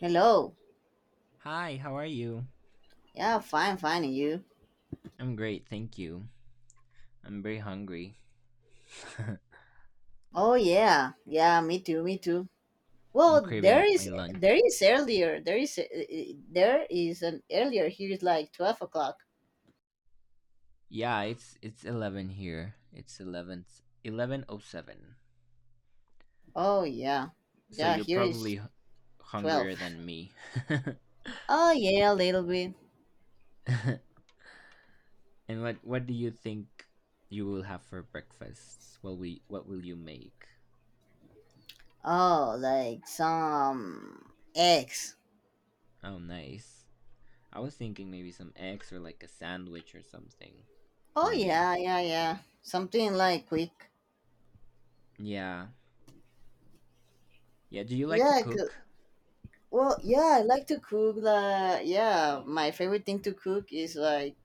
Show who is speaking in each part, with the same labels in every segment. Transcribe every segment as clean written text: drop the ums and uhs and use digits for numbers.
Speaker 1: Hello.
Speaker 2: Hi, how are you?
Speaker 1: Yeah, fine, fine. And you?
Speaker 2: I'm great, thank you. I'm very hungry.
Speaker 1: Oh yeah, yeah. Me too. Me too.
Speaker 2: I'm
Speaker 1: Well, there
Speaker 2: craving my
Speaker 1: is
Speaker 2: lunch.
Speaker 1: there is earlier. There is an earlier. Here is like 12 o'clock.
Speaker 2: Yeah, it's 11 here. It's 11 11:07.
Speaker 1: Oh yeah,
Speaker 2: So
Speaker 1: yeah.
Speaker 2: you're
Speaker 1: Here is
Speaker 2: probably h-
Speaker 1: 12.
Speaker 2: Hungrier than me.
Speaker 1: oh yeah, a little bit.
Speaker 2: And what do you think you will have for breakfast? What will you make?
Speaker 1: Oh, like some eggs.
Speaker 2: Oh, nice. I was thinking maybe some eggs or like a sandwich or something
Speaker 1: Oh
Speaker 2: for me.
Speaker 1: yeah, yeah, yeah. Something like quick.
Speaker 2: Yeah. Yeah, do you like
Speaker 1: Yeah.
Speaker 2: to cook?
Speaker 1: Well, yeah. I like to cook. Like yeah, my favorite thing to cook is like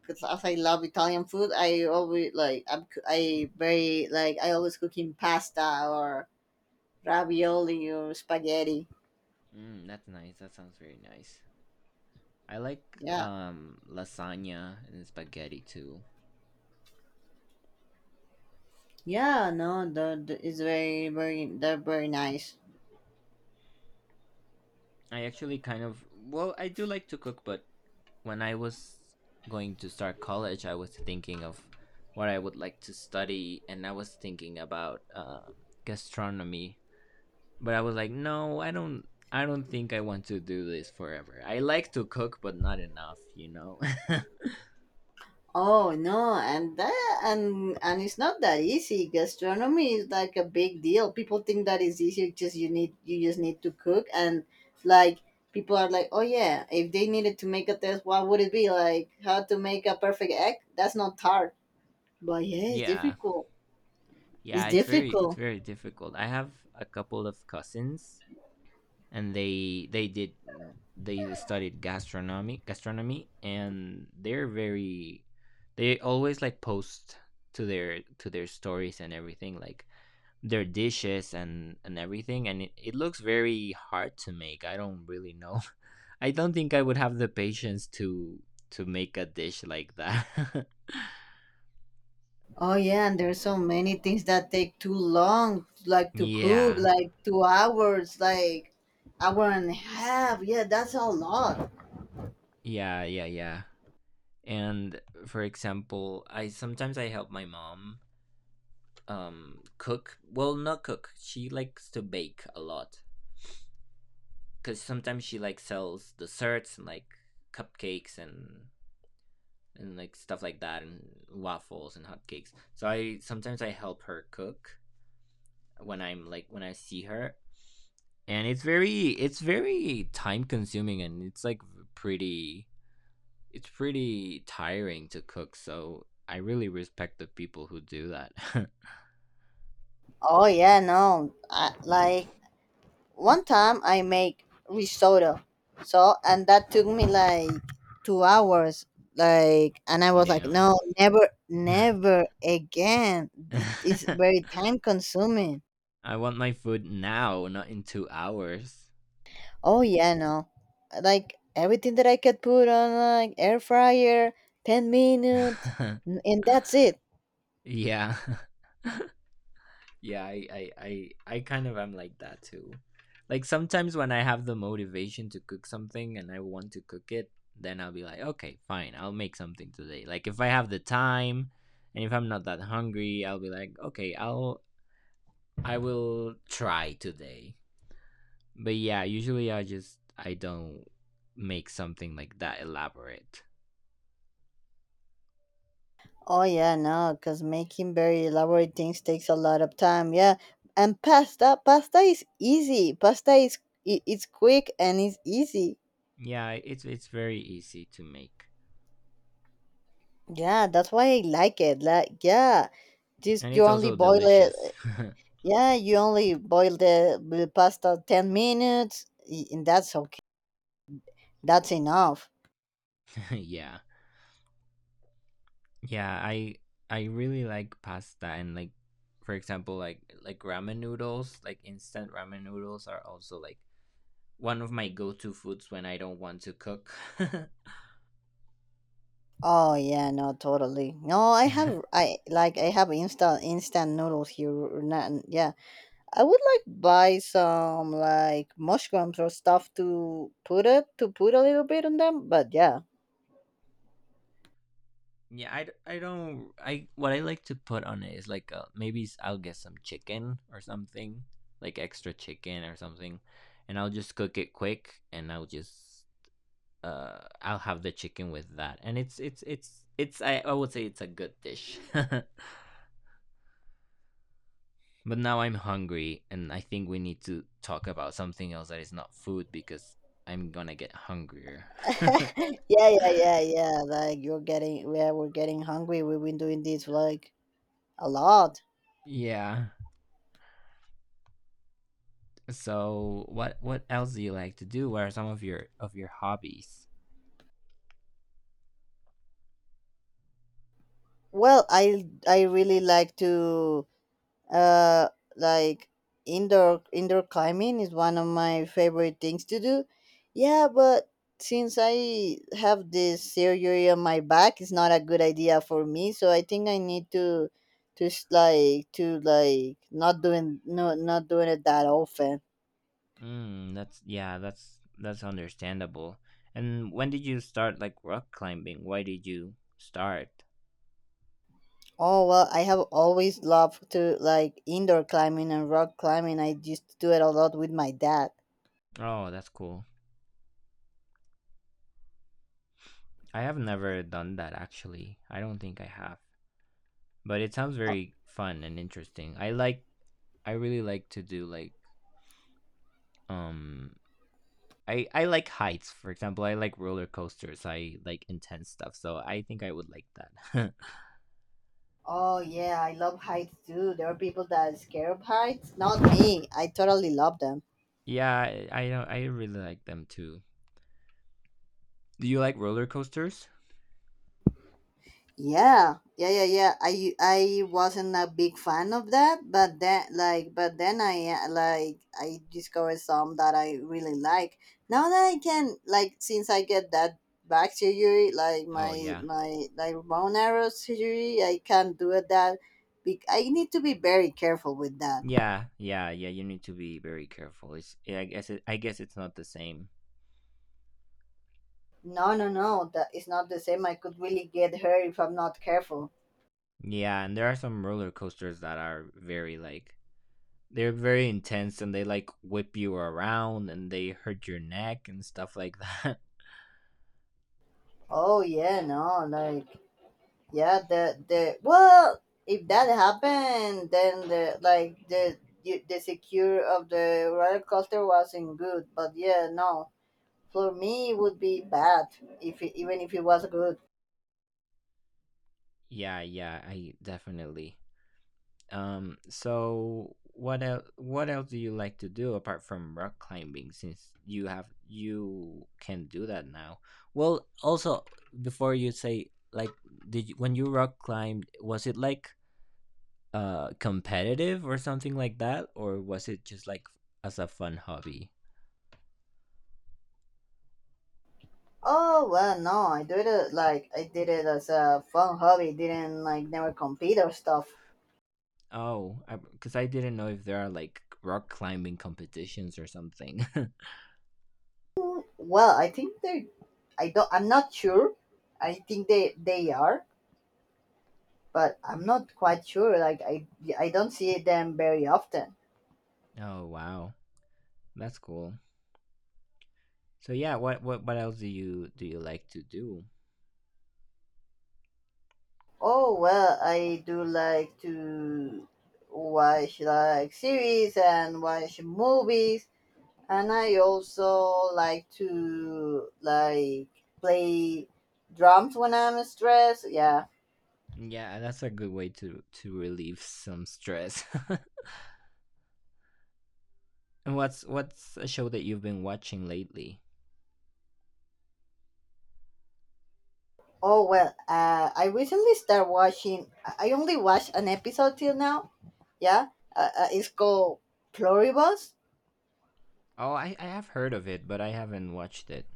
Speaker 1: because as I love Italian food, I always like I very like I always cooking pasta or ravioli or spaghetti.
Speaker 2: Mm, that's nice. That sounds very nice. I like
Speaker 1: Yeah,
Speaker 2: lasagna and spaghetti too.
Speaker 1: yeah, no, the it's very they're very nice.
Speaker 2: I actually I do like to cook, but when I was going to start college, I was thinking of what I would like to study, and I was thinking about gastronomy. But I was like, no, I don't. I don't think I want to do this forever. I like to cook, but not enough, you know.
Speaker 1: Oh no, and it's not that easy. Gastronomy is like a big deal. People think that it's easy. Just you just need to cook and like people are like, oh yeah, if they needed to make a test, what would it be like? How to make a perfect egg? That's not hard. But yeah, it's
Speaker 2: Yeah,
Speaker 1: difficult. It's
Speaker 2: yeah. It's
Speaker 1: difficult.
Speaker 2: very difficult. I have a couple of cousins and they did they studied gastronomy, and they're very, they always like post to their stories and everything, like their dishes and everything, and it looks very hard to make. I don't really know. I don't think I would have the patience to make a dish like that.
Speaker 1: Oh yeah, and there's so many things that take too long, like to cook,
Speaker 2: Yeah.
Speaker 1: like 2 hours, like hour and a half. Yeah, that's a lot.
Speaker 2: Yeah, yeah, yeah. And for example, I help my mom cook. Well not cook She likes to bake a lot, because sometimes she like sells desserts and like cupcakes and like stuff like that and waffles and hotcakes. So I help her cook when I'm like when I see her, and it's very time consuming, and it's like pretty, it's pretty tiring to cook, so I really respect the people who do that.
Speaker 1: Oh yeah, no. I, like one time I make risotto, so and that took me like 2 hours. Like and I was like,
Speaker 2: Damn.
Speaker 1: no, never, never again. It's very time consuming.
Speaker 2: I want my food now, not in 2 hours.
Speaker 1: Oh yeah, no. Like everything that I could put on like air fryer, 10 minutes, and that's it.
Speaker 2: Yeah. Yeah, I kind of am like that too. Like sometimes when I have the motivation to cook something and I want to cook it, then I'll be like, okay, fine, I'll make something today. Like if I have the time and if I'm not that hungry, I'll be like, okay, I will try today. But yeah, usually I don't make something like that elaborate.
Speaker 1: Oh yeah, no, because making very elaborate things takes a lot of time. Yeah, and pasta is easy. Pasta is it's quick and it's easy.
Speaker 2: Yeah, it's very easy to make.
Speaker 1: Yeah, that's why I like it. Like yeah, just
Speaker 2: And
Speaker 1: you
Speaker 2: it's
Speaker 1: only
Speaker 2: also
Speaker 1: boil it.
Speaker 2: delicious.
Speaker 1: Yeah, you only boil the pasta 10 minutes, and that's okay. That's enough.
Speaker 2: Yeah, yeah. I really like pasta and like, for example, like ramen noodles. Like instant ramen noodles are also like one of my go-to foods when I don't want to cook.
Speaker 1: Oh yeah, no, totally. No, I have I like I have instant noodles here. Or not- Yeah, I would like buy some like mushrooms or stuff to put it to put a little bit on them. But yeah,
Speaker 2: Yeah, I d- I don't I what I like to put on it is like maybe I I'll get some chicken or something, like extra chicken or something, and I'll just cook it quick, and I'll have the chicken with that. And it's, I would say it's a good dish. But now I'm hungry, and I think we need to talk about something else that is not food, because I'm gonna get hungrier.
Speaker 1: yeah, yeah, yeah, yeah. Like you're getting yeah, we're getting hungry. We've been doing this like a lot.
Speaker 2: Yeah. So what else do you like to do? What are some of your hobbies?
Speaker 1: Well, I really like to uh like indoor climbing is one of my favorite things to do, yeah, but since I have this surgery on my back, it's not a good idea for me, so I think I need to just like to like not doing not doing it that often.
Speaker 2: Mm, that's, yeah, that's understandable. And when did you start like rock climbing? Why did you start?
Speaker 1: Oh well, I have always loved to like indoor climbing and rock climbing. I used to do it a lot with my dad.
Speaker 2: Oh, that's cool. I have never done that actually. I don't think I have. But it sounds very fun and interesting. I really like to do like, um I like heights. For example, I like roller coasters. I like intense stuff. So I think I would like that.
Speaker 1: Oh yeah, I love heights too. There are people that are scared of heights. Not me. I totally love them.
Speaker 2: Yeah, I don't I really like them too. Do you like roller coasters?
Speaker 1: Yeah, yeah, yeah, yeah. I wasn't a big fan of that, but then like, but then I like I discovered some that I really like. Now that I can like, since I get that back surgery, like
Speaker 2: Oh
Speaker 1: my
Speaker 2: yeah.
Speaker 1: my like bone arrow surgery, I can't do it that. I need to be very careful with that.
Speaker 2: Yeah, yeah, yeah. You need to be very careful. It's, yeah, I guess it's not the same.
Speaker 1: No, no, no. That is not the same. I could really get her if I'm not careful.
Speaker 2: Yeah, and there are some roller coasters that are very like they're very intense, and they like whip you around and they hurt your neck and stuff like that.
Speaker 1: Oh yeah, no, like yeah, the well, if that happened, then the like the secure of the roller coaster wasn't good. But yeah, no, for me it would be bad if it, even if it was good.
Speaker 2: Yeah, yeah, I definitely. So what else? What else do you like to do apart from rock climbing? Since you have You can do that now. Well, also before you say like, did you, when you rock climbed, was it like competitive or something like that, or was it just like as a fun hobby?
Speaker 1: Oh well, no, I did it like I did it as a fun hobby. Didn't like never compete or stuff.
Speaker 2: Oh, 'cause I didn't know if there are like rock climbing competitions or something.
Speaker 1: Well, I think they. I don't. I'm not sure. I think they are, but I'm not quite sure. Like I don't see them very often.
Speaker 2: Oh wow, that's cool. So yeah, what else do you like to do?
Speaker 1: Oh well, I do like to watch like series and watch movies, and I also like to like play drums when I'm stressed. Yeah.
Speaker 2: Yeah, that's a good way to relieve some stress. And what's a show that you've been watching lately?
Speaker 1: Oh well, I recently started watching. I only watched an episode till now. Yeah, it's called Pluribus.
Speaker 2: Oh, I have heard of it, but I haven't watched it.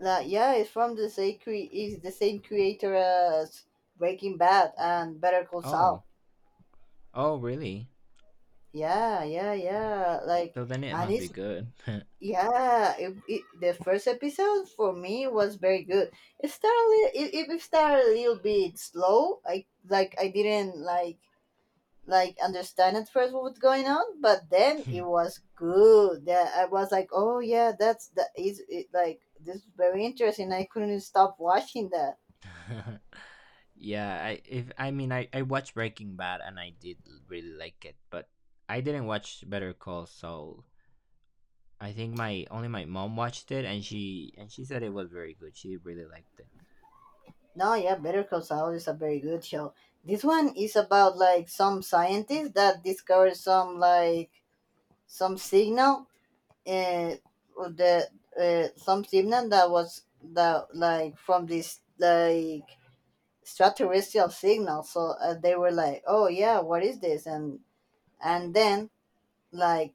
Speaker 1: Yeah, it's from the same cre- is the same creator as Breaking Bad and Better Call Saul.
Speaker 2: Oh, oh really?
Speaker 1: Yeah, yeah, yeah. Like,
Speaker 2: So then it
Speaker 1: and
Speaker 2: must be
Speaker 1: it's
Speaker 2: good.
Speaker 1: yeah. The first episode for me was very good. It started. It started a little bit slow. I like. I didn't like understand at first what was going on, but then it was good. That I was like, oh yeah, that's that is it, like this is very interesting. I couldn't stop watching that.
Speaker 2: Yeah, I if I mean I watched Breaking Bad and I did really like it, but I didn't watch Better Call Saul. I think my mom watched it, and she said it was very good. She really liked it.
Speaker 1: No, yeah, Better Call Saul is a very good show. This one is about like some scientist that discovered some like some signal, uh, the some signal that was that like from this like extraterrestrial signal. So they were like, oh yeah, what is this? And then like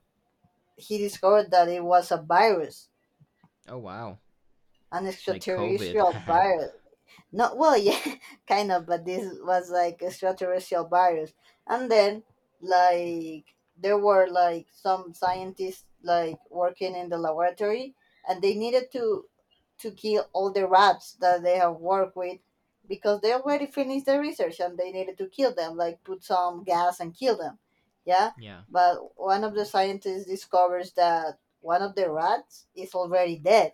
Speaker 1: he discovered that it was a virus,
Speaker 2: Oh wow.
Speaker 1: an
Speaker 2: Like COVID.
Speaker 1: extraterrestrial virus. Not well yeah kind of, but this was like extraterrestrial virus. And then like there were like some scientists like working in the laboratory, and they needed to kill all the rats that they have worked with because they already finished the research, and they needed to kill them, like put some gas and kill them. Yeah.
Speaker 2: Yeah.
Speaker 1: But one of the scientists discovers that one of the rats is already dead,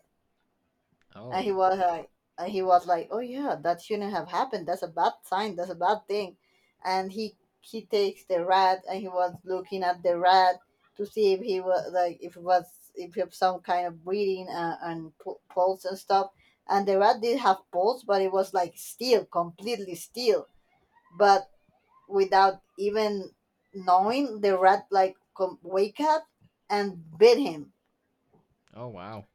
Speaker 1: and
Speaker 2: Oh.
Speaker 1: he was like, oh yeah, that shouldn't have happened. That's a bad sign. That's a bad thing. And he takes the rat and he was looking at the rat to see if he was like if it was some kind of breathing and pulse and stuff. And the rat did have pulse, but it was like still completely still. But without even knowing, the rat like wake up and bit him.
Speaker 2: Oh wow.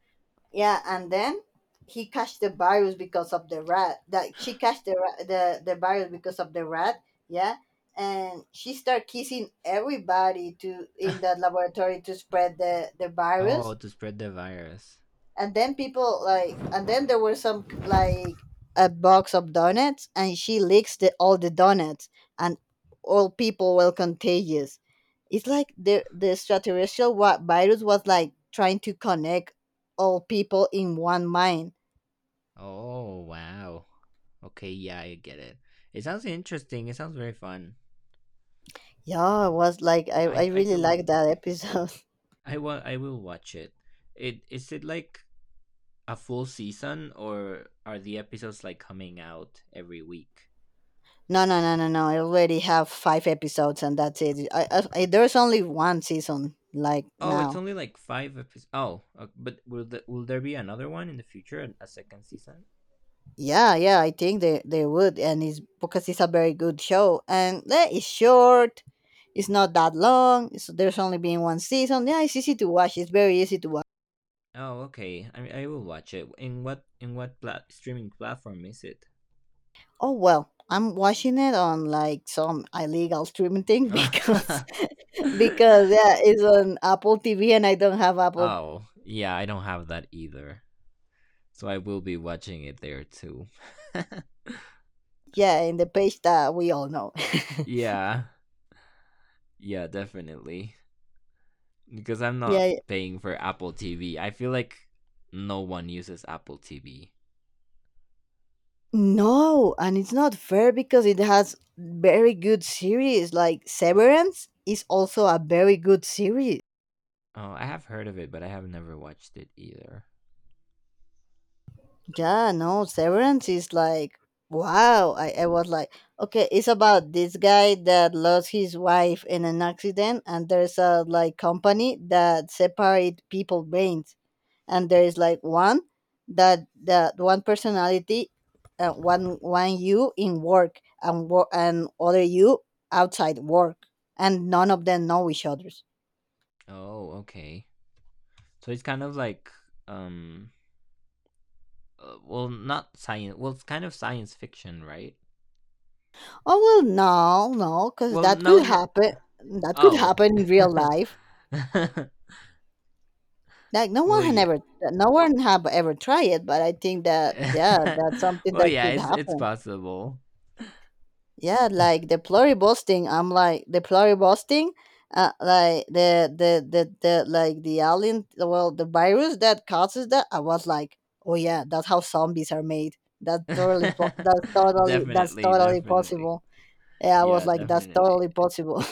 Speaker 1: Yeah, and then he catch the virus because of the rat. That she catch the virus because of the rat. Yeah, and she start kissing everybody to in that laboratory to spread the
Speaker 2: Oh,
Speaker 1: virus.
Speaker 2: to spread the virus.
Speaker 1: And then people like, and then there were some like a box of donuts, and she licks the all the donuts, and all people were contagious. It's like the extraterrestrial virus was like trying to connect all people in one mind.
Speaker 2: Oh wow. Okay, yeah, I get it. It sounds interesting. It sounds very fun.
Speaker 1: Yeah, it was like
Speaker 2: I
Speaker 1: I
Speaker 2: I
Speaker 1: really like
Speaker 2: do
Speaker 1: that episode.
Speaker 2: I will watch it. It. Is it like a full season, or are the episodes like coming out every week?
Speaker 1: No, no, no, no, no. I already have 5 episodes and that's it. I there's only one season like
Speaker 2: Oh, it's
Speaker 1: now.
Speaker 2: only like five episodes. Oh, but will will there be another one in the future, a second season?
Speaker 1: Yeah, yeah, I think they would, and it's because it's a very good show and eh, it's short. It's not that long. So there's only been one season. Yeah, it's easy to watch. It's very easy to watch.
Speaker 2: Oh, okay. I mean, I will watch it. In what plat- streaming platform is it?
Speaker 1: Oh well, I'm watching it on like some illegal streaming thing because because yeah, it's on Apple TV and I don't have Apple.
Speaker 2: Oh, yeah, I don't have that either. So I will be watching it there too.
Speaker 1: Yeah, in the page that we all know.
Speaker 2: Yeah. Yeah, definitely. Because I'm not
Speaker 1: Yeah,
Speaker 2: paying for Apple TV. I feel like no one uses Apple TV.
Speaker 1: no, and it's not fair because it has very good series. Like Severance is also a very good series.
Speaker 2: Oh, I have heard of it, but I have never watched it either.
Speaker 1: Yeah, no, Severance is like wow. I was like, okay, it's about this guy that lost his wife in an accident, and there's a like company that separate people brains, and there is like one that one personality, one you in work and and other you outside work, and none of them know each others.
Speaker 2: Oh, okay. So it's kind of like, um not science. Well, it's kind of science fiction, right?
Speaker 1: Oh well, no, because that
Speaker 2: No,
Speaker 1: could
Speaker 2: no.
Speaker 1: happen. That could
Speaker 2: Oh,
Speaker 1: happen in real
Speaker 2: okay.
Speaker 1: life. Like no one
Speaker 2: Well,
Speaker 1: had
Speaker 2: yeah.
Speaker 1: ever no one have ever tried it, but I think that yeah, that's something
Speaker 2: Well,
Speaker 1: that
Speaker 2: yeah,
Speaker 1: could
Speaker 2: it's
Speaker 1: happen.
Speaker 2: possible.
Speaker 1: Yeah, like the pluribusting, like the like the alien, well, the virus that causes that. I was like, oh yeah, that's how zombies are made. That's that's
Speaker 2: Definitely,
Speaker 1: totally
Speaker 2: definitely.
Speaker 1: possible. Yeah, I was
Speaker 2: Yeah,
Speaker 1: like, that's
Speaker 2: definitely.
Speaker 1: totally possible.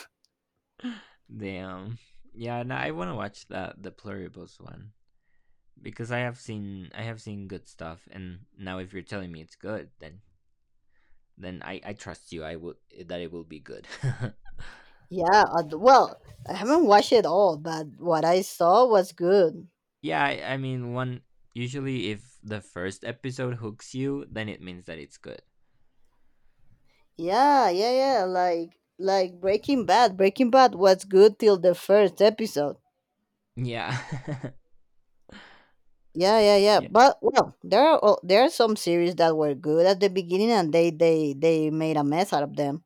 Speaker 2: Damn. Yeah, no, I want to watch that the Pluribus one, because I have seen good stuff, and now if you're telling me it's good, then I trust you. I will That it will be good.
Speaker 1: yeah, well, I haven't watched it all, but what I saw was good.
Speaker 2: Yeah, I mean, one usually, if the first episode hooks you, then it means that it's good.
Speaker 1: Yeah, yeah, yeah, like Breaking Bad. Breaking Bad was good till the first episode.
Speaker 2: Yeah.
Speaker 1: Yeah, yeah, yeah.
Speaker 2: Yeah.
Speaker 1: But well, there are some series that were good at the beginning, and they made a mess out of them.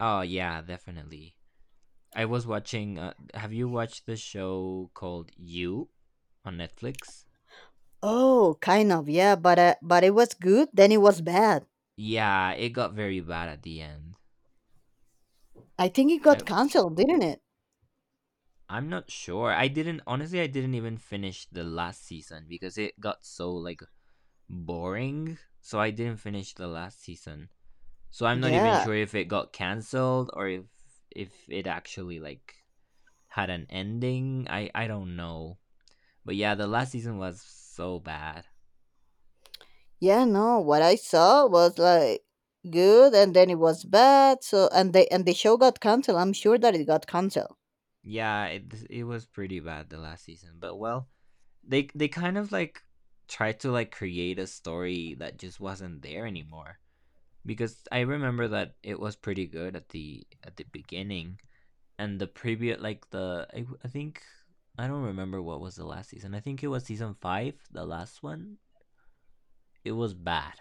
Speaker 2: Oh yeah, definitely. I was watching. Have you watched the show called You on Netflix?
Speaker 1: Oh, kind of, yeah. But it was good. Then it was bad.
Speaker 2: Yeah, it got very bad at the end.
Speaker 1: I think it
Speaker 2: I
Speaker 1: got canceled, didn't it?
Speaker 2: I'm not sure. I didn't honestly. I didn't even finish the last season, because it got so like boring. So I didn't finish the last season. So I'm not even
Speaker 1: Yeah,
Speaker 2: sure if it got cancelled, or if it actually like had an ending. I don't know. But yeah, the last season was so bad.
Speaker 1: yeah. No, what I saw was like good, and then it was bad. So and they and the show got canceled. I'm sure that it got canceled.
Speaker 2: Yeah, it was pretty bad, the last season. But well, they kind of like tried to like create a story that just wasn't there anymore. Because I remember that it was pretty good at the beginning, and the previous like the I think, I don't remember what was the last season. I think it was season 5, the last one. It was bad.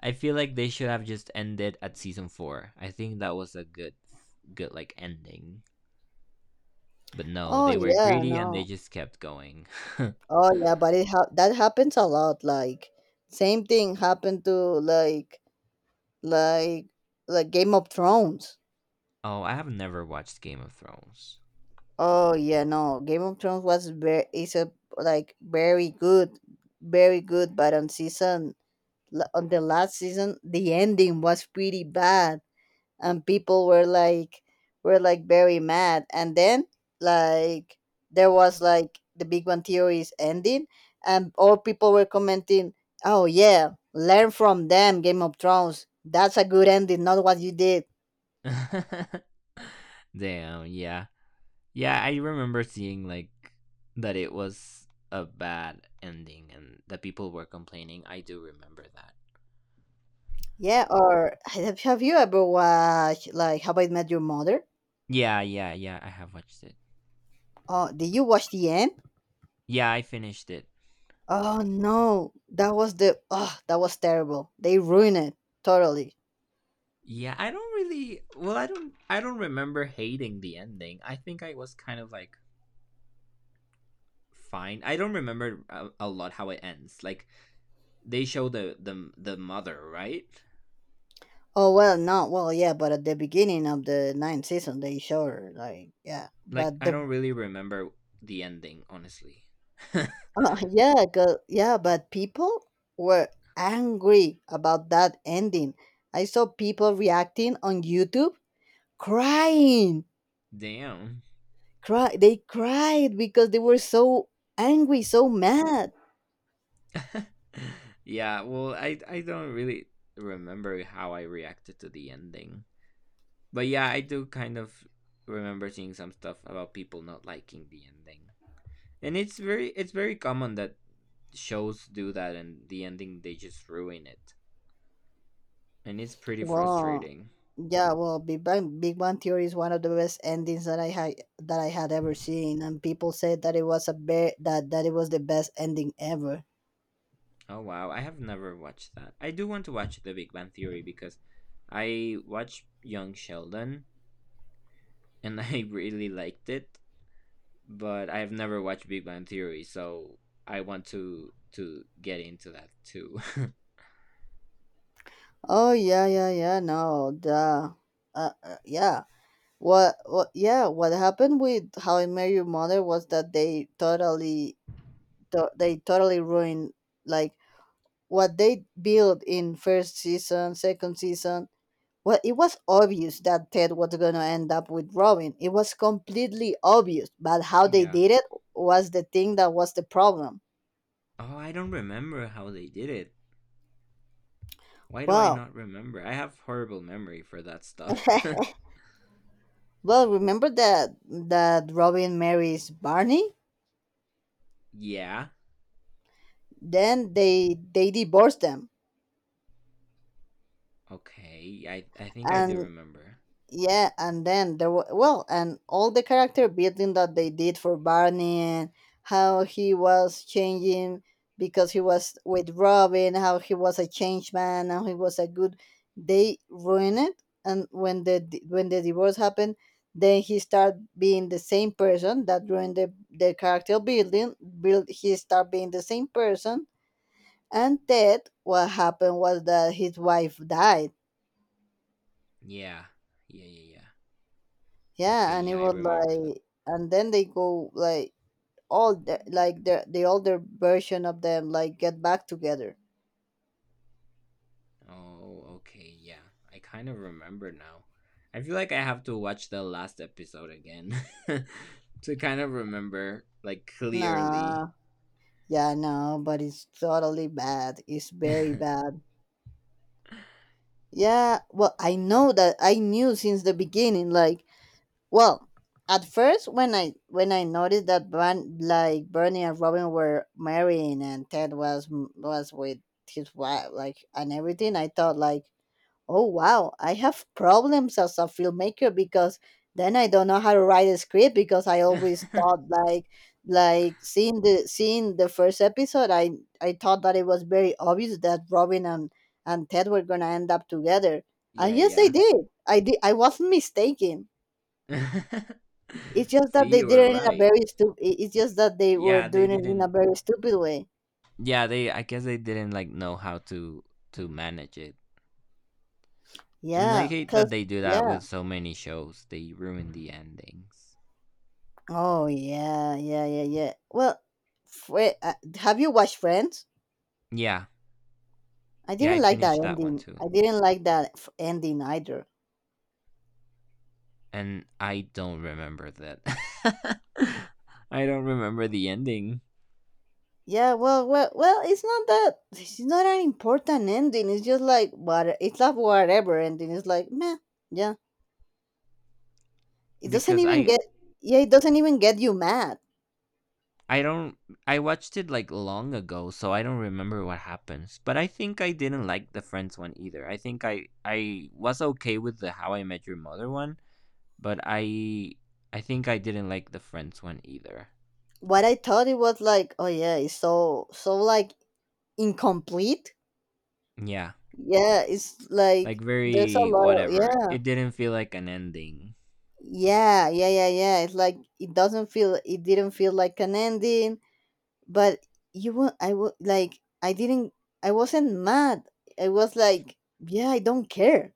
Speaker 2: I feel like they should have just ended at season 4. I think that was a good like ending. But no,
Speaker 1: Oh
Speaker 2: they were
Speaker 1: yeah,
Speaker 2: greedy and they
Speaker 1: no.
Speaker 2: just kept going.
Speaker 1: Oh yeah, but that happens a lot. Like same thing happened to like like like Game of Thrones.
Speaker 2: Oh, I have never watched Game of Thrones.
Speaker 1: Oh yeah, no, Game of Thrones was very is a like very good, very good. But on season on the last season, the ending was pretty bad, and people were like very mad. And then like there was like the Big Bang Theory's ending, and all people were commenting, "Oh yeah, learn from them, Game of Thrones. That's a good ending, not what you did."
Speaker 2: Damn, yeah. Yeah, I remember seeing like that it was a bad ending and that people were complaining. I do remember that.
Speaker 1: Yeah, or have you ever watched like How I Met Your Mother?
Speaker 2: Yeah, yeah, yeah, I have watched it.
Speaker 1: Oh, did you watch the end?
Speaker 2: Yeah, I finished it.
Speaker 1: Oh no, that was terrible. They ruined it totally.
Speaker 2: Yeah, I don't, I don't remember hating the ending. I think I was kind of like fine. I don't remember a lot how it ends. Like they show the mother, right?
Speaker 1: Oh well, no, well yeah, but at the beginning of the ninth season, they showed her, like yeah,
Speaker 2: Like
Speaker 1: but
Speaker 2: I
Speaker 1: the
Speaker 2: don't really remember the ending, honestly.
Speaker 1: yeah, yeah, but people were angry about that ending. I saw people reacting on YouTube, crying
Speaker 2: Damn.
Speaker 1: cry They cried because they were so angry, so mad.
Speaker 2: Yeah, well, I don't really remember how I reacted to the ending, but yeah, I do kind of remember seeing some stuff about people not liking the ending, and it's very common that shows do that, and the ending they just ruin it, and it's pretty
Speaker 1: Wow.
Speaker 2: frustrating.
Speaker 1: Yeah, well, Big Bang Theory is one of the best endings that I had ever seen, and people said that it was a bit that that it was the best ending ever.
Speaker 2: Oh wow, I have never watched that. I do want to watch The Big Bang Theory, because I watched Young Sheldon, and I really liked it, but I have never watched Big Bang Theory, so I want to get into that too.
Speaker 1: Oh yeah yeah yeah no the Yeah, what yeah, what happened with How I Met Your Mother was that they totally they totally ruined like what they built in first season, second season. Well, it was obvious that Ted was going to end up withdrawing. It was completely obvious, but how they
Speaker 2: Yeah.
Speaker 1: did it was the thing, that was the problem.
Speaker 2: Oh, I don't remember how they did it. Why do I
Speaker 1: Well,
Speaker 2: not remember? I have horrible memory for that stuff.
Speaker 1: well, remember that Robin marries Barney?
Speaker 2: Yeah.
Speaker 1: Then they divorce them,
Speaker 2: Okay. I think I do
Speaker 1: and
Speaker 2: remember.
Speaker 1: yeah, and then there were, well, and all the character building that they did for Barney, and how he was changing because he was with Robin, how he was a changed man, how he was a good. They ruined it, and when the divorce happened, then he started being the same person. That ruined the character building. Build, he started being the same person, and then what happened was that his wife died.
Speaker 2: Yeah. Yeah, yeah, yeah. Okay,
Speaker 1: Yeah, and it
Speaker 2: yeah, I
Speaker 1: was
Speaker 2: remember that.
Speaker 1: like, and then they go like all the, like the older version of them like get back together.
Speaker 2: Oh, okay, yeah. I kind of remember now. I feel like I have to watch the last episode again to kind of remember like clearly.
Speaker 1: Nah, yeah, no, but it's totally bad. It's very bad. Yeah, well, I know that I knew since the beginning. Like, well, at first when I noticed that Bran, like Bernie and Robin were marrying and Ted was with his wife, like, and everything, I thought like, oh wow, I have problems as a filmmaker because then I don't know how to write a script because I
Speaker 2: yeah,
Speaker 1: always thought like, seeing the first episode, I thought that it was very obvious that Robin and Ted were gonna end up together. And yes they
Speaker 2: yeah.
Speaker 1: did. I wasn't mistaken. It's just that
Speaker 2: See,
Speaker 1: they
Speaker 2: you
Speaker 1: did
Speaker 2: were
Speaker 1: it in a
Speaker 2: right.
Speaker 1: very stupid It's just that they were
Speaker 2: Yeah, they
Speaker 1: doing it in a
Speaker 2: didn't.
Speaker 1: very stupid way.
Speaker 2: Yeah, they. I guess they didn't like know how to manage it, and I
Speaker 1: Yeah,
Speaker 2: hate
Speaker 1: cuz
Speaker 2: that they do that
Speaker 1: yeah,
Speaker 2: with so many shows. They ruin the endings.
Speaker 1: Oh yeah, yeah, yeah, yeah. Well, have you watched Friends?
Speaker 2: Yeah,
Speaker 1: I
Speaker 2: yeah. I
Speaker 1: didn't like that
Speaker 2: finished that one
Speaker 1: ending.
Speaker 2: too,
Speaker 1: I didn't like ending either.
Speaker 2: and I don't remember that. I don't remember the ending
Speaker 1: Yeah, well. It's not that. It's not an important ending. It's just like what. It's not whatever ending. It's like meh. Yeah, it doesn't
Speaker 2: because
Speaker 1: even get. Yeah, it doesn't even get you mad.
Speaker 2: I don't. I watched it like long ago, so I don't remember what happens. But I think I didn't like the Friends one either. I think I was okay with the How I Met Your Mother one, but I think I didn't like the Friends one either.
Speaker 1: What I thought it was like, oh yeah, it's so so like incomplete.
Speaker 2: Yeah,
Speaker 1: Yeah, it's like
Speaker 2: like
Speaker 1: there's a
Speaker 2: very
Speaker 1: lot of,
Speaker 2: whatever.
Speaker 1: yeah.
Speaker 2: It didn't feel like an ending.
Speaker 1: Yeah, yeah, yeah, yeah. It's like it didn't feel like an ending, but you were I was like, I didn't, I wasn't mad. I was like, yeah, I don't care.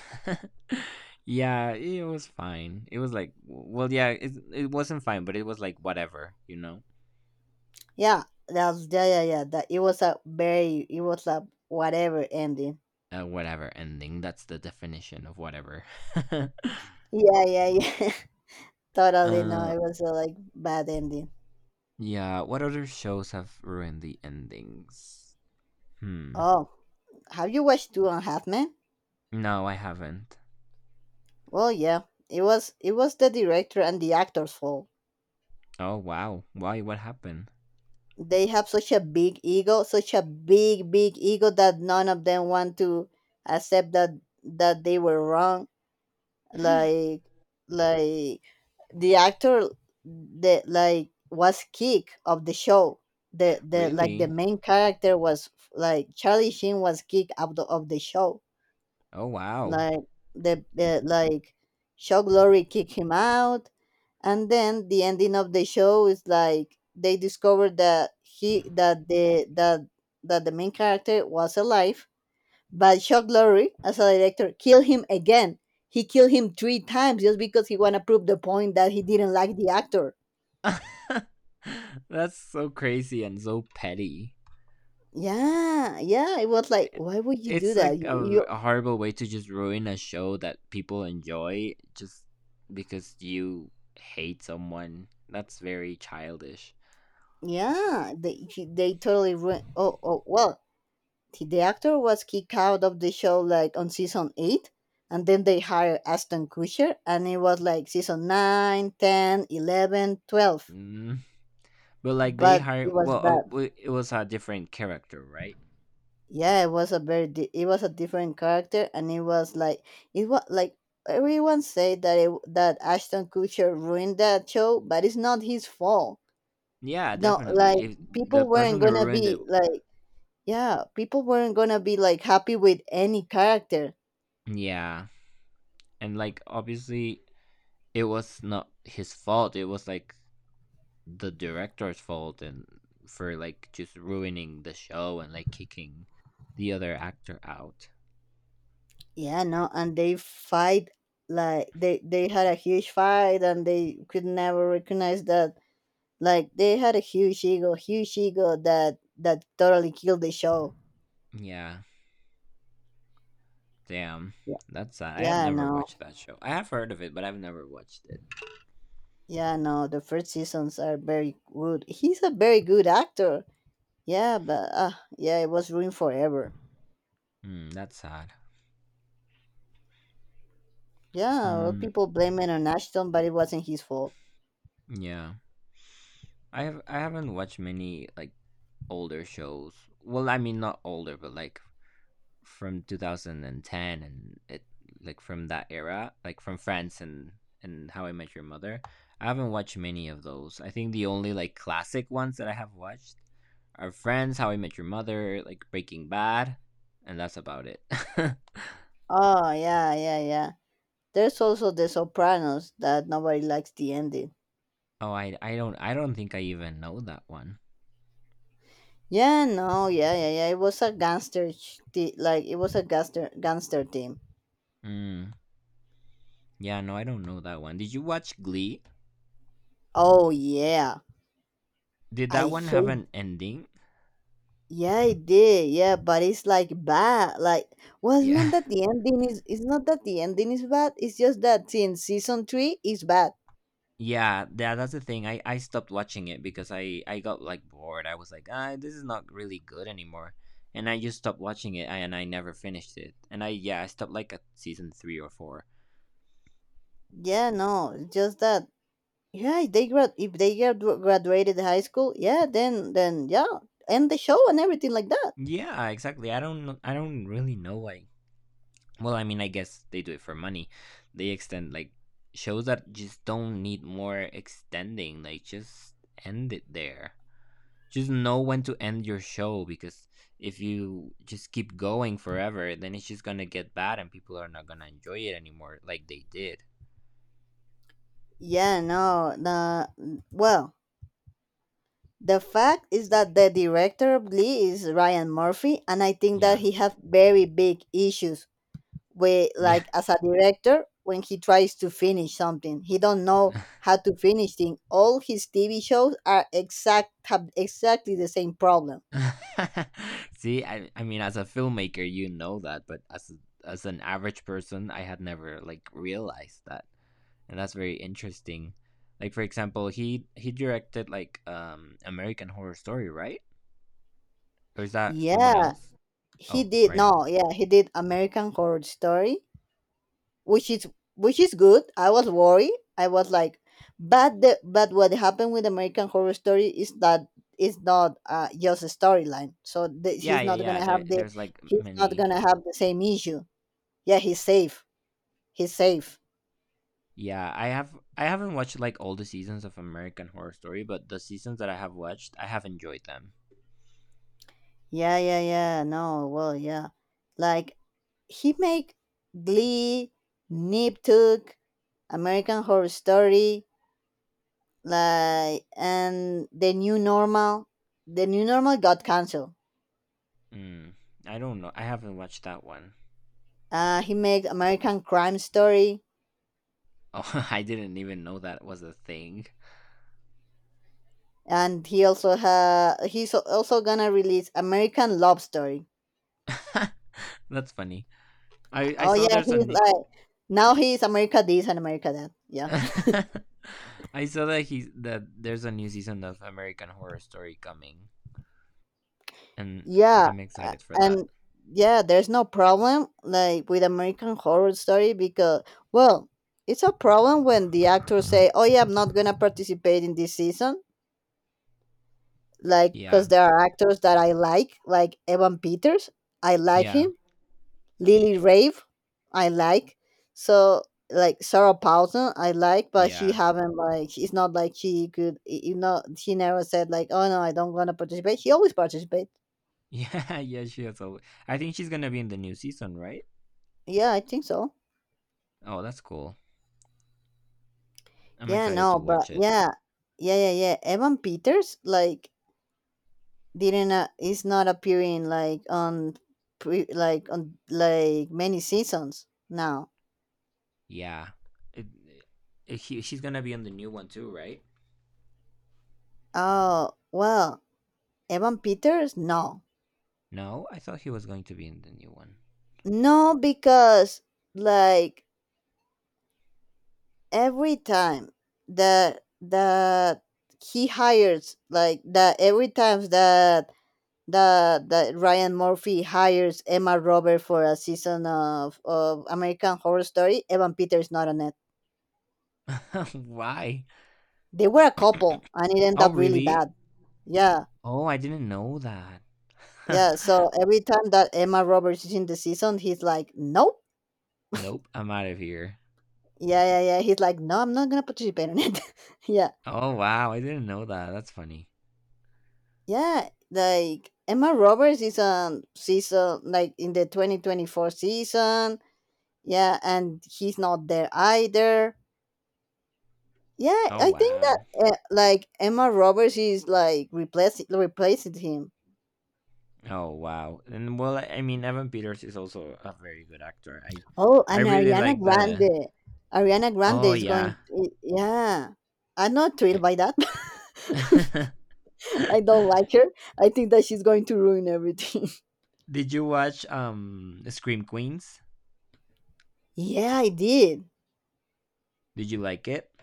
Speaker 2: yeah, it was fine. It was like yeah, it wasn't fine, but it was like whatever, you know.
Speaker 1: Yeah, that's yeah, yeah, yeah. That It was a very, it was a whatever ending.
Speaker 2: Whatever ending. That's the definition of whatever.
Speaker 1: Yeah, yeah, yeah. Totally, no,
Speaker 2: uh
Speaker 1: it was a like bad ending.
Speaker 2: Yeah, what other shows have ruined the endings? Hmm.
Speaker 1: Oh, have you watched Two and a Half Men?
Speaker 2: No, I haven't.
Speaker 1: Well, yeah. It was, it was the director and the actor's fault.
Speaker 2: Oh, wow. Why? What happened?
Speaker 1: They have such a big ego, such a big ego that none of them want to accept that they were wrong. Like, like the actor, the like was kick of the show. The
Speaker 2: Really?
Speaker 1: main character was like Charlie Sheen, was kick out of the show.
Speaker 2: Oh, wow.
Speaker 1: Like, the like show glory kick him out, and then the ending of the show is like they discovered that he that the that that the main character was alive, but shock glory as a director killed him again. He killed him three times just because he want to prove the point that he didn't like the actor.
Speaker 2: That's so crazy and so petty.
Speaker 1: Yeah, yeah, it was like, why would you do
Speaker 2: It's
Speaker 1: that,
Speaker 2: like
Speaker 1: you?
Speaker 2: a horrible way to just ruin a show that people enjoy just because you hate someone. That's very childish.
Speaker 1: Yeah, they totally ruined. Oh, oh well, the actor was kicked out of the show like on season 8, and then they hired Ashton Kutcher, and it was like season 9, 10, 11, 12.
Speaker 2: Mm. But like they
Speaker 1: But it
Speaker 2: hired,
Speaker 1: was bad.
Speaker 2: it was a different character, right?
Speaker 1: Yeah, it was a it was a different character, and it was like, it was like everyone said that that Ashton Kutcher ruined that show, but it's not his fault.
Speaker 2: Yeah,
Speaker 1: No,
Speaker 2: definitely.
Speaker 1: like
Speaker 2: If the
Speaker 1: people weren't
Speaker 2: person who
Speaker 1: gonna
Speaker 2: ruined it,
Speaker 1: be like, yeah, people weren't gonna be like happy with any character.
Speaker 2: yeah, and like obviously it was not his fault. It was like the director's fault and for like just ruining the show and like kicking the other actor out.
Speaker 1: Yeah, no, and they fight, like they had a huge fight, and they could never recognize that like they had a huge ego, huge ego, that that totally killed the show.
Speaker 2: Yeah, damn.
Speaker 1: Yeah,
Speaker 2: That's sad. I have
Speaker 1: yeah,
Speaker 2: never
Speaker 1: no,
Speaker 2: watched that show. I have heard of it, but I've never watched it.
Speaker 1: yeah, no. The first seasons are very good. He's a very good actor. Yeah, but yeah, it was ruined forever.
Speaker 2: Hmm, that's sad.
Speaker 1: Yeah, well,
Speaker 2: Hmm,
Speaker 1: people blame it on Ashton, but it wasn't his fault.
Speaker 2: yeah. I have I haven't watched many like older shows. Well, I mean not older, but like from 2010 and it like from that era, like from France and How I Met Your Mother. I haven't watched many of those. I think the only like classic ones that I have watched are Friends, How I Met Your Mother, like Breaking Bad, and that's about it.
Speaker 1: Oh yeah, yeah, yeah. There's also The Sopranos that nobody likes the ending.
Speaker 2: oh, I don't I don't think I even know that one.
Speaker 1: Yeah, no, yeah, yeah, yeah. It was a gangster, like it was a gangster, gangster team.
Speaker 2: Mm, yeah, no, I don't know that one. Did you watch Glee?
Speaker 1: Oh yeah,
Speaker 2: Did that
Speaker 1: I
Speaker 2: one have
Speaker 1: hate.
Speaker 2: an ending?
Speaker 1: Yeah, it did. Yeah, but it's like bad. Like, well, it's not
Speaker 2: Yeah.
Speaker 1: that the ending is. It's not that the ending is bad. It's just that since season three is bad.
Speaker 2: Yeah, that that's the thing. I stopped watching it because I got like bored. I was like, ah, this is not really good anymore, and I just stopped watching it. And I never finished it. And I yeah, I stopped like at season three or four.
Speaker 1: Yeah, no, it's just that. Yeah, if they grad, if they graduated high school, yeah, then yeah, end the show and everything like that.
Speaker 2: Yeah, exactly. I don't really know why. Well, I mean, I guess they do it for money. They extend like shows that just don't need more extending. Like just end it there. Just know when to end your show because if you just keep going forever then it's just gonna get bad and people are not gonna enjoy it anymore like they did.
Speaker 1: Yeah, no, the well. The fact is that the director of Glee is Ryan Murphy, and I think that
Speaker 2: Yeah,
Speaker 1: he has very big issues with,
Speaker 2: yeah.
Speaker 1: like, as a director, when he tries to finish something, he don't know how to finish things. All his TV shows are exact have exactly the same problem.
Speaker 2: See, I mean as a filmmaker you know that, but as an average person, I had never like realized that, and that's very interesting. Like for example, he directed like American Horror Story, right? Or is that someone
Speaker 1: Yeah,
Speaker 2: else?
Speaker 1: he
Speaker 2: Oh,
Speaker 1: did.
Speaker 2: Ryan.
Speaker 1: No, yeah, he did American Horror Story, which is, which is good. I was worried. I was like, but the but what happened with American Horror Story is that it's not just a storyline. So
Speaker 2: Yeah,
Speaker 1: he's
Speaker 2: yeah,
Speaker 1: not gonna
Speaker 2: yeah,
Speaker 1: have the,
Speaker 2: there's like
Speaker 1: he's not
Speaker 2: many.
Speaker 1: gonna have the same issue. Yeah, he's safe. He's safe.
Speaker 2: Yeah, I have I haven't watched like all the seasons of American Horror Story, but the seasons that I have watched, I have enjoyed them.
Speaker 1: Yeah, yeah, yeah. No, well, yeah. Like he make Glee, Niptuk, American Horror Story, like, and The New Normal. The New Normal got canceled.
Speaker 2: Mm, I don't know. I haven't watched that one.
Speaker 1: He made American Crime Story,
Speaker 2: Oh, I didn't even know that was a thing.
Speaker 1: and he also ha he's also gonna release American Love Story.
Speaker 2: That's funny. I
Speaker 1: Oh
Speaker 2: saw
Speaker 1: yeah,
Speaker 2: there's a
Speaker 1: he's
Speaker 2: new
Speaker 1: like, now he's America this and America that. Yeah,
Speaker 2: I saw that he's that there's a new season of American Horror Story coming, and
Speaker 1: yeah,
Speaker 2: I'm excited for that.
Speaker 1: and yeah, there's no problem like with American Horror Story because, well, it's a problem when the actors say, "Oh yeah, I'm not gonna participate in this season," like because
Speaker 2: Yeah,
Speaker 1: there are actors that I like Evan Peters. I like
Speaker 2: yeah,
Speaker 1: him, Lily Rave, I like. So like Sarah Paulson, I like, but she
Speaker 2: yeah,
Speaker 1: haven't, like she's not like, she could you know, she never said like, oh no, I don't want to participate. She always participate.
Speaker 2: yeah, yeah. She has. A, I think she's gonna be in the new season, right?
Speaker 1: Yeah, I think so.
Speaker 2: Oh, that's cool. I'm
Speaker 1: Yeah,
Speaker 2: excited
Speaker 1: no,
Speaker 2: to
Speaker 1: but
Speaker 2: watch it.
Speaker 1: yeah, yeah, yeah, yeah. Evan Peters like didn't, is not appearing like on pre like on like many seasons now.
Speaker 2: Yeah. It, it- he, he's gonna be in the new one too, right?
Speaker 1: Oh well, Evan Peters no,
Speaker 2: No, I thought he was going to be in the new one.
Speaker 1: no because like every time that that he hires like that, every time that Ryan Murphy hires Emma Roberts for a season of American Horror Story, Evan Peters is not on it.
Speaker 2: Why?
Speaker 1: They were a couple and it ended
Speaker 2: Oh,
Speaker 1: up really
Speaker 2: really?
Speaker 1: bad. Yeah.
Speaker 2: Oh, I didn't know that.
Speaker 1: Yeah. So every time that Emma Roberts is in the season, he's like, nope.
Speaker 2: Nope, I'm out of here.
Speaker 1: Yeah, yeah, yeah. He's like, no, I'm not gonna participate in it. Yeah.
Speaker 2: Oh, wow, I didn't know that. That's funny.
Speaker 1: Yeah, like Emma Roberts is on season, like in the 2024 season. Yeah, and he's not there either. Yeah,
Speaker 2: Oh,
Speaker 1: I think that
Speaker 2: wow.
Speaker 1: like Emma Roberts is like replacing him.
Speaker 2: Oh, wow. And well, I mean, Evan Peters is also a very good actor.
Speaker 1: Oh,
Speaker 2: I
Speaker 1: and
Speaker 2: really
Speaker 1: Ariana
Speaker 2: like the
Speaker 1: Grande. Ariana Grande
Speaker 2: Oh,
Speaker 1: is going,
Speaker 2: yeah.
Speaker 1: yeah. I'm not thrilled
Speaker 2: I
Speaker 1: by that. I don't like her. I think that she's going to ruin everything.
Speaker 2: Did you watch Scream Queens?
Speaker 1: Yeah, I did.
Speaker 2: Did you like it?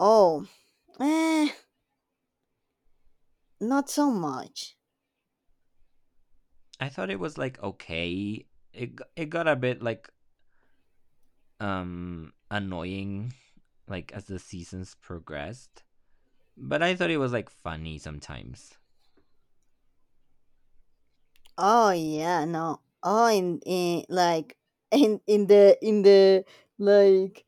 Speaker 1: Oh, eh, not so much.
Speaker 2: I thought it was like okay. It got a bit like annoying like as the seasons progressed, but I thought it was like funny sometimes.
Speaker 1: Oh yeah, no. Oh, in like in the like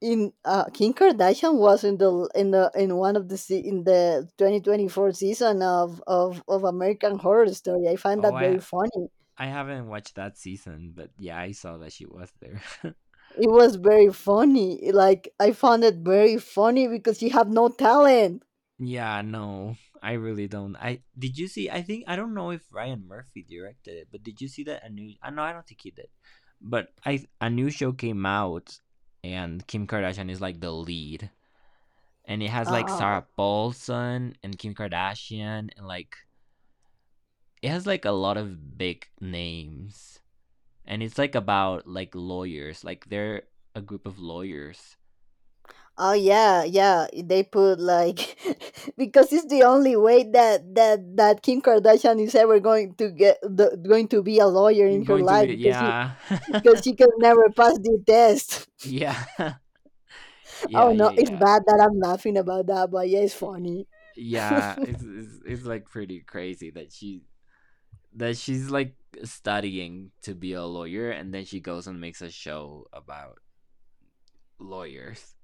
Speaker 1: in, uh, Kim Kardashian was in the in one of in the 2024 season of American Horror Story. I find
Speaker 2: Oh,
Speaker 1: that very funny.
Speaker 2: I haven't watched that season, but yeah, I saw that she was there.
Speaker 1: It was very funny. Like I found it very funny because you have no talent.
Speaker 2: Yeah, no, I really don't. I Did you see? I think I don't know if Ryan Murphy directed it, but did you see that a new? I no, I don't think he did. But I a new show came out, and Kim Kardashian is like the lead, and it has like
Speaker 1: Ah.
Speaker 2: Sarah Paulson and Kim Kardashian, and like it has like a lot of big names, and it's like about like lawyers, like they're a group of lawyers.
Speaker 1: Oh yeah, yeah. They put like because it's the only way that Kim Kardashian is ever going to going to be a lawyer in
Speaker 2: It's
Speaker 1: her
Speaker 2: going to
Speaker 1: life
Speaker 2: be
Speaker 1: because she,
Speaker 2: yeah,
Speaker 1: because she can never pass the test.
Speaker 2: yeah,
Speaker 1: Oh
Speaker 2: yeah, yeah,
Speaker 1: no, it's
Speaker 2: yeah.
Speaker 1: bad that I'm laughing about that, but yeah, it's funny.
Speaker 2: Yeah, it's, it's like pretty crazy that she that she's like studying to be a lawyer and then she goes and makes a show about lawyers.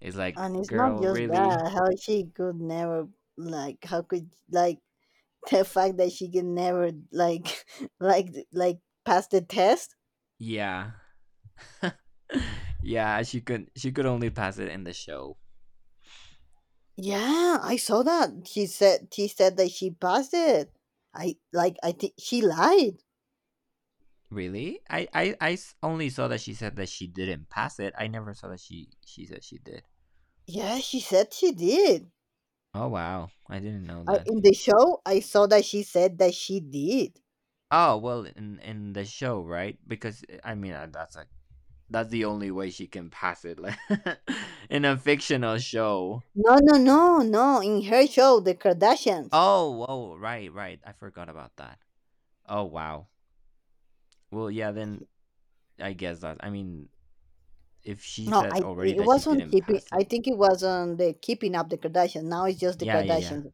Speaker 2: It's like,
Speaker 1: And it's not
Speaker 2: girl,
Speaker 1: just
Speaker 2: really?
Speaker 1: that how she could never like how could like the fact that she can never like pass the test.
Speaker 2: Yeah. Yeah, she could only pass it in the show.
Speaker 1: Yeah, I saw that. She said that she passed it. I think she lied.
Speaker 2: Really? I only saw that she said that she didn't pass it. I never saw that she said she did.
Speaker 1: Yeah, she said she did.
Speaker 2: Oh wow, I didn't know
Speaker 1: I,
Speaker 2: that.
Speaker 1: in the show, I saw that she said that she did.
Speaker 2: Oh well, in the show, right? Because I mean that's a that's the only way she can pass it, like in a fictional show.
Speaker 1: No, no, no, no. In her show, The Kardashians.
Speaker 2: Oh, oh, right, right. I forgot about that. Oh wow. Well, yeah. Then I guess that. I mean, if she
Speaker 1: No,
Speaker 2: said
Speaker 1: I,
Speaker 2: already
Speaker 1: it
Speaker 2: that she
Speaker 1: was on
Speaker 2: didn't
Speaker 1: keeping.
Speaker 2: pass
Speaker 1: I
Speaker 2: it.
Speaker 1: think it was on the Keeping Up the Kardashians. Now it's just the
Speaker 2: Yeah, yeah,
Speaker 1: Kardashians.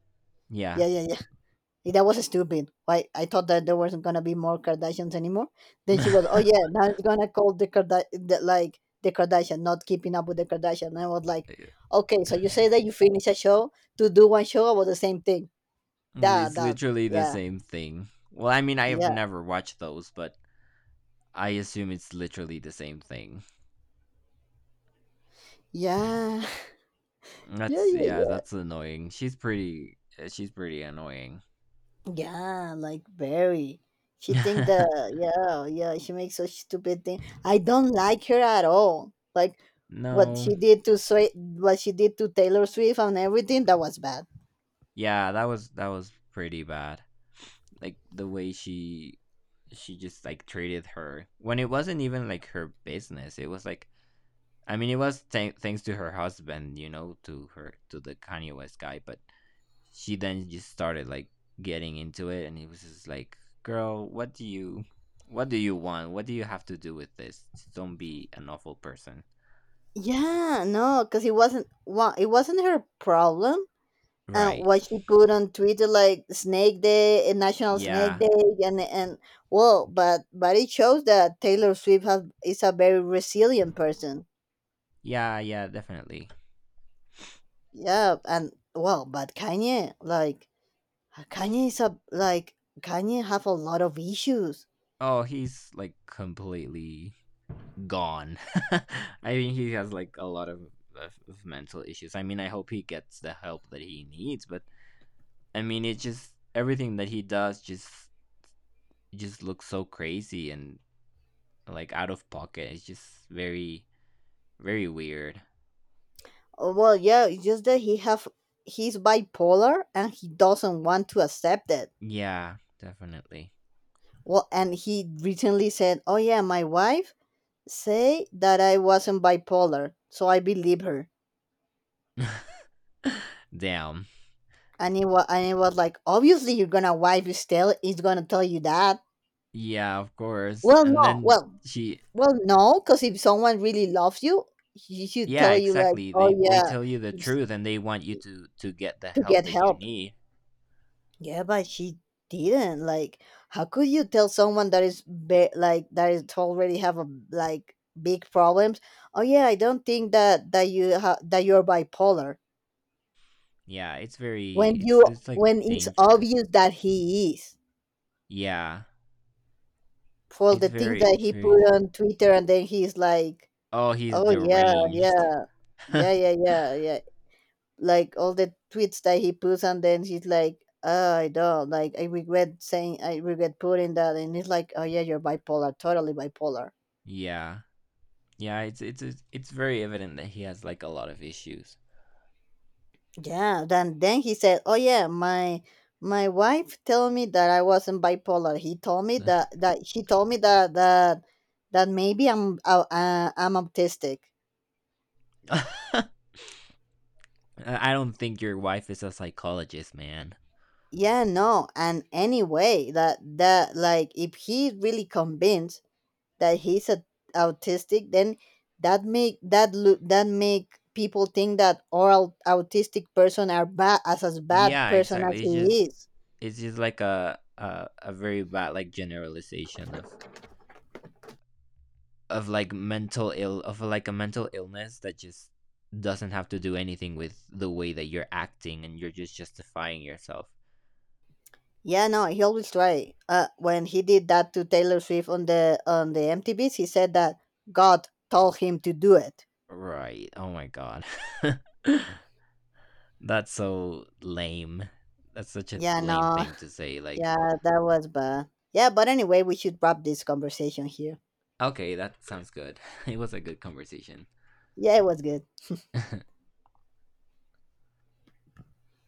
Speaker 2: yeah,
Speaker 1: Yeah, yeah, yeah. That was stupid. Why, I thought that there wasn't gonna be more Kardashians anymore. Then she was, oh
Speaker 2: yeah.
Speaker 1: yeah, now it's gonna call the Kardashian, not keeping up with the Kardashian. And I was like, okay, so you say that you finish a show to do one show about the same thing. That
Speaker 2: It's
Speaker 1: that
Speaker 2: literally the
Speaker 1: yeah,
Speaker 2: same thing. Well, I mean, I have
Speaker 1: yeah,
Speaker 2: never watched those, but I assume it's literally the same thing.
Speaker 1: yeah. Yeah,
Speaker 2: That's
Speaker 1: yeah,
Speaker 2: yeah,
Speaker 1: yeah.
Speaker 2: that's annoying. She's pretty. She's pretty annoying.
Speaker 1: Yeah, like very. She think the Yeah, yeah, she makes such stupid thing. I don't like her at all. Like,
Speaker 2: No,
Speaker 1: what she did to Taylor Swift and everything, that was bad.
Speaker 2: yeah, that was pretty bad. Like the way she just like treated her when it wasn't even like her business. It was like I mean, it was thanks to her husband, you know, to the Kanye West guy, but she then just started like getting into it, and it was just like, "Girl, what do you want? What do you have to do with this? Just don't be an awful person."
Speaker 1: Yeah, no, because it wasn't her problem. And
Speaker 2: Right.
Speaker 1: what she put on Twitter, like Snake Day, and National Snake
Speaker 2: Yeah.
Speaker 1: Day, and well, but it shows that is a very resilient person.
Speaker 2: Yeah, yeah, definitely.
Speaker 1: Yeah, and well, but Kanye, like, Kanye is a like Kanye have a lot of issues.
Speaker 2: Oh, he's like completely gone. I think he has like a lot of, of mental issues. I mean, I hope he gets the help that he needs, but I mean, it just everything that he does just looks so crazy and like out of pocket. It's just very very weird.
Speaker 1: Well, yeah, it's just that he's bipolar and he doesn't want to accept it.
Speaker 2: Yeah, definitely.
Speaker 1: Well, and he recently said, "Oh yeah, my wife say that I wasn't bipolar, so I believe her."
Speaker 2: Damn.
Speaker 1: And it was like, obviously, you're gonna wife is tell is gonna tell you that.
Speaker 2: Yeah, of course.
Speaker 1: Well,
Speaker 2: And
Speaker 1: no,
Speaker 2: then
Speaker 1: well,
Speaker 2: she
Speaker 1: well, no, because if someone really loves you, he should
Speaker 2: yeah,
Speaker 1: tell you like,
Speaker 2: exactly.
Speaker 1: "Oh
Speaker 2: They
Speaker 1: yeah,
Speaker 2: tell you the truth and they want you to get the
Speaker 1: to
Speaker 2: help
Speaker 1: get
Speaker 2: that you
Speaker 1: help."
Speaker 2: need.
Speaker 1: Yeah, but she didn't. Like, how could you tell someone that is already have a like big problems? Oh yeah, I don't think that you're bipolar
Speaker 2: Yeah, it's very
Speaker 1: when you,
Speaker 2: it's like
Speaker 1: when it's
Speaker 2: dangerous.
Speaker 1: obvious that he is,
Speaker 2: Yeah.
Speaker 1: for the things that
Speaker 2: It's
Speaker 1: he put
Speaker 2: very
Speaker 1: on Twitter, and then he's like,
Speaker 2: Oh, he's
Speaker 1: oh yeah,
Speaker 2: deranged.
Speaker 1: yeah, yeah, yeah, yeah, yeah. like all the tweets that he puts and then he's like, oh, I don't like I regret saying, I regret putting that. And he's like, oh yeah, you're bipolar, totally bipolar.
Speaker 2: Yeah. Yeah, it's very evident that he has like a lot of issues.
Speaker 1: Yeah, then he said, oh yeah, my wife told me that I wasn't bipolar. He told me that, that she told me that, that that maybe I'm autistic.
Speaker 2: I don't think your wife is a psychologist, man.
Speaker 1: Yeah, no, and anyway, that that like if he's really convinced that he's autistic, then that make people think that all autistic person are bad, as bad
Speaker 2: Yeah,
Speaker 1: person as
Speaker 2: exactly.
Speaker 1: he is.
Speaker 2: It's just like a very bad like generalization of like mental ill of like a mental illness that just doesn't have to do anything with the way that you're acting, and you're just justifying yourself.
Speaker 1: Yeah, no, he always try, when he did that to Taylor Swift on the MTVs, he said that God told him to do it.
Speaker 2: Right. Oh my god. That's so lame. That's such a
Speaker 1: Yeah,
Speaker 2: lame
Speaker 1: no,
Speaker 2: thing to say. Like,
Speaker 1: yeah, that was bad. Yeah, but anyway, we should wrap this conversation here.
Speaker 2: okay, that sounds good. It was a good conversation.
Speaker 1: Yeah, it was good.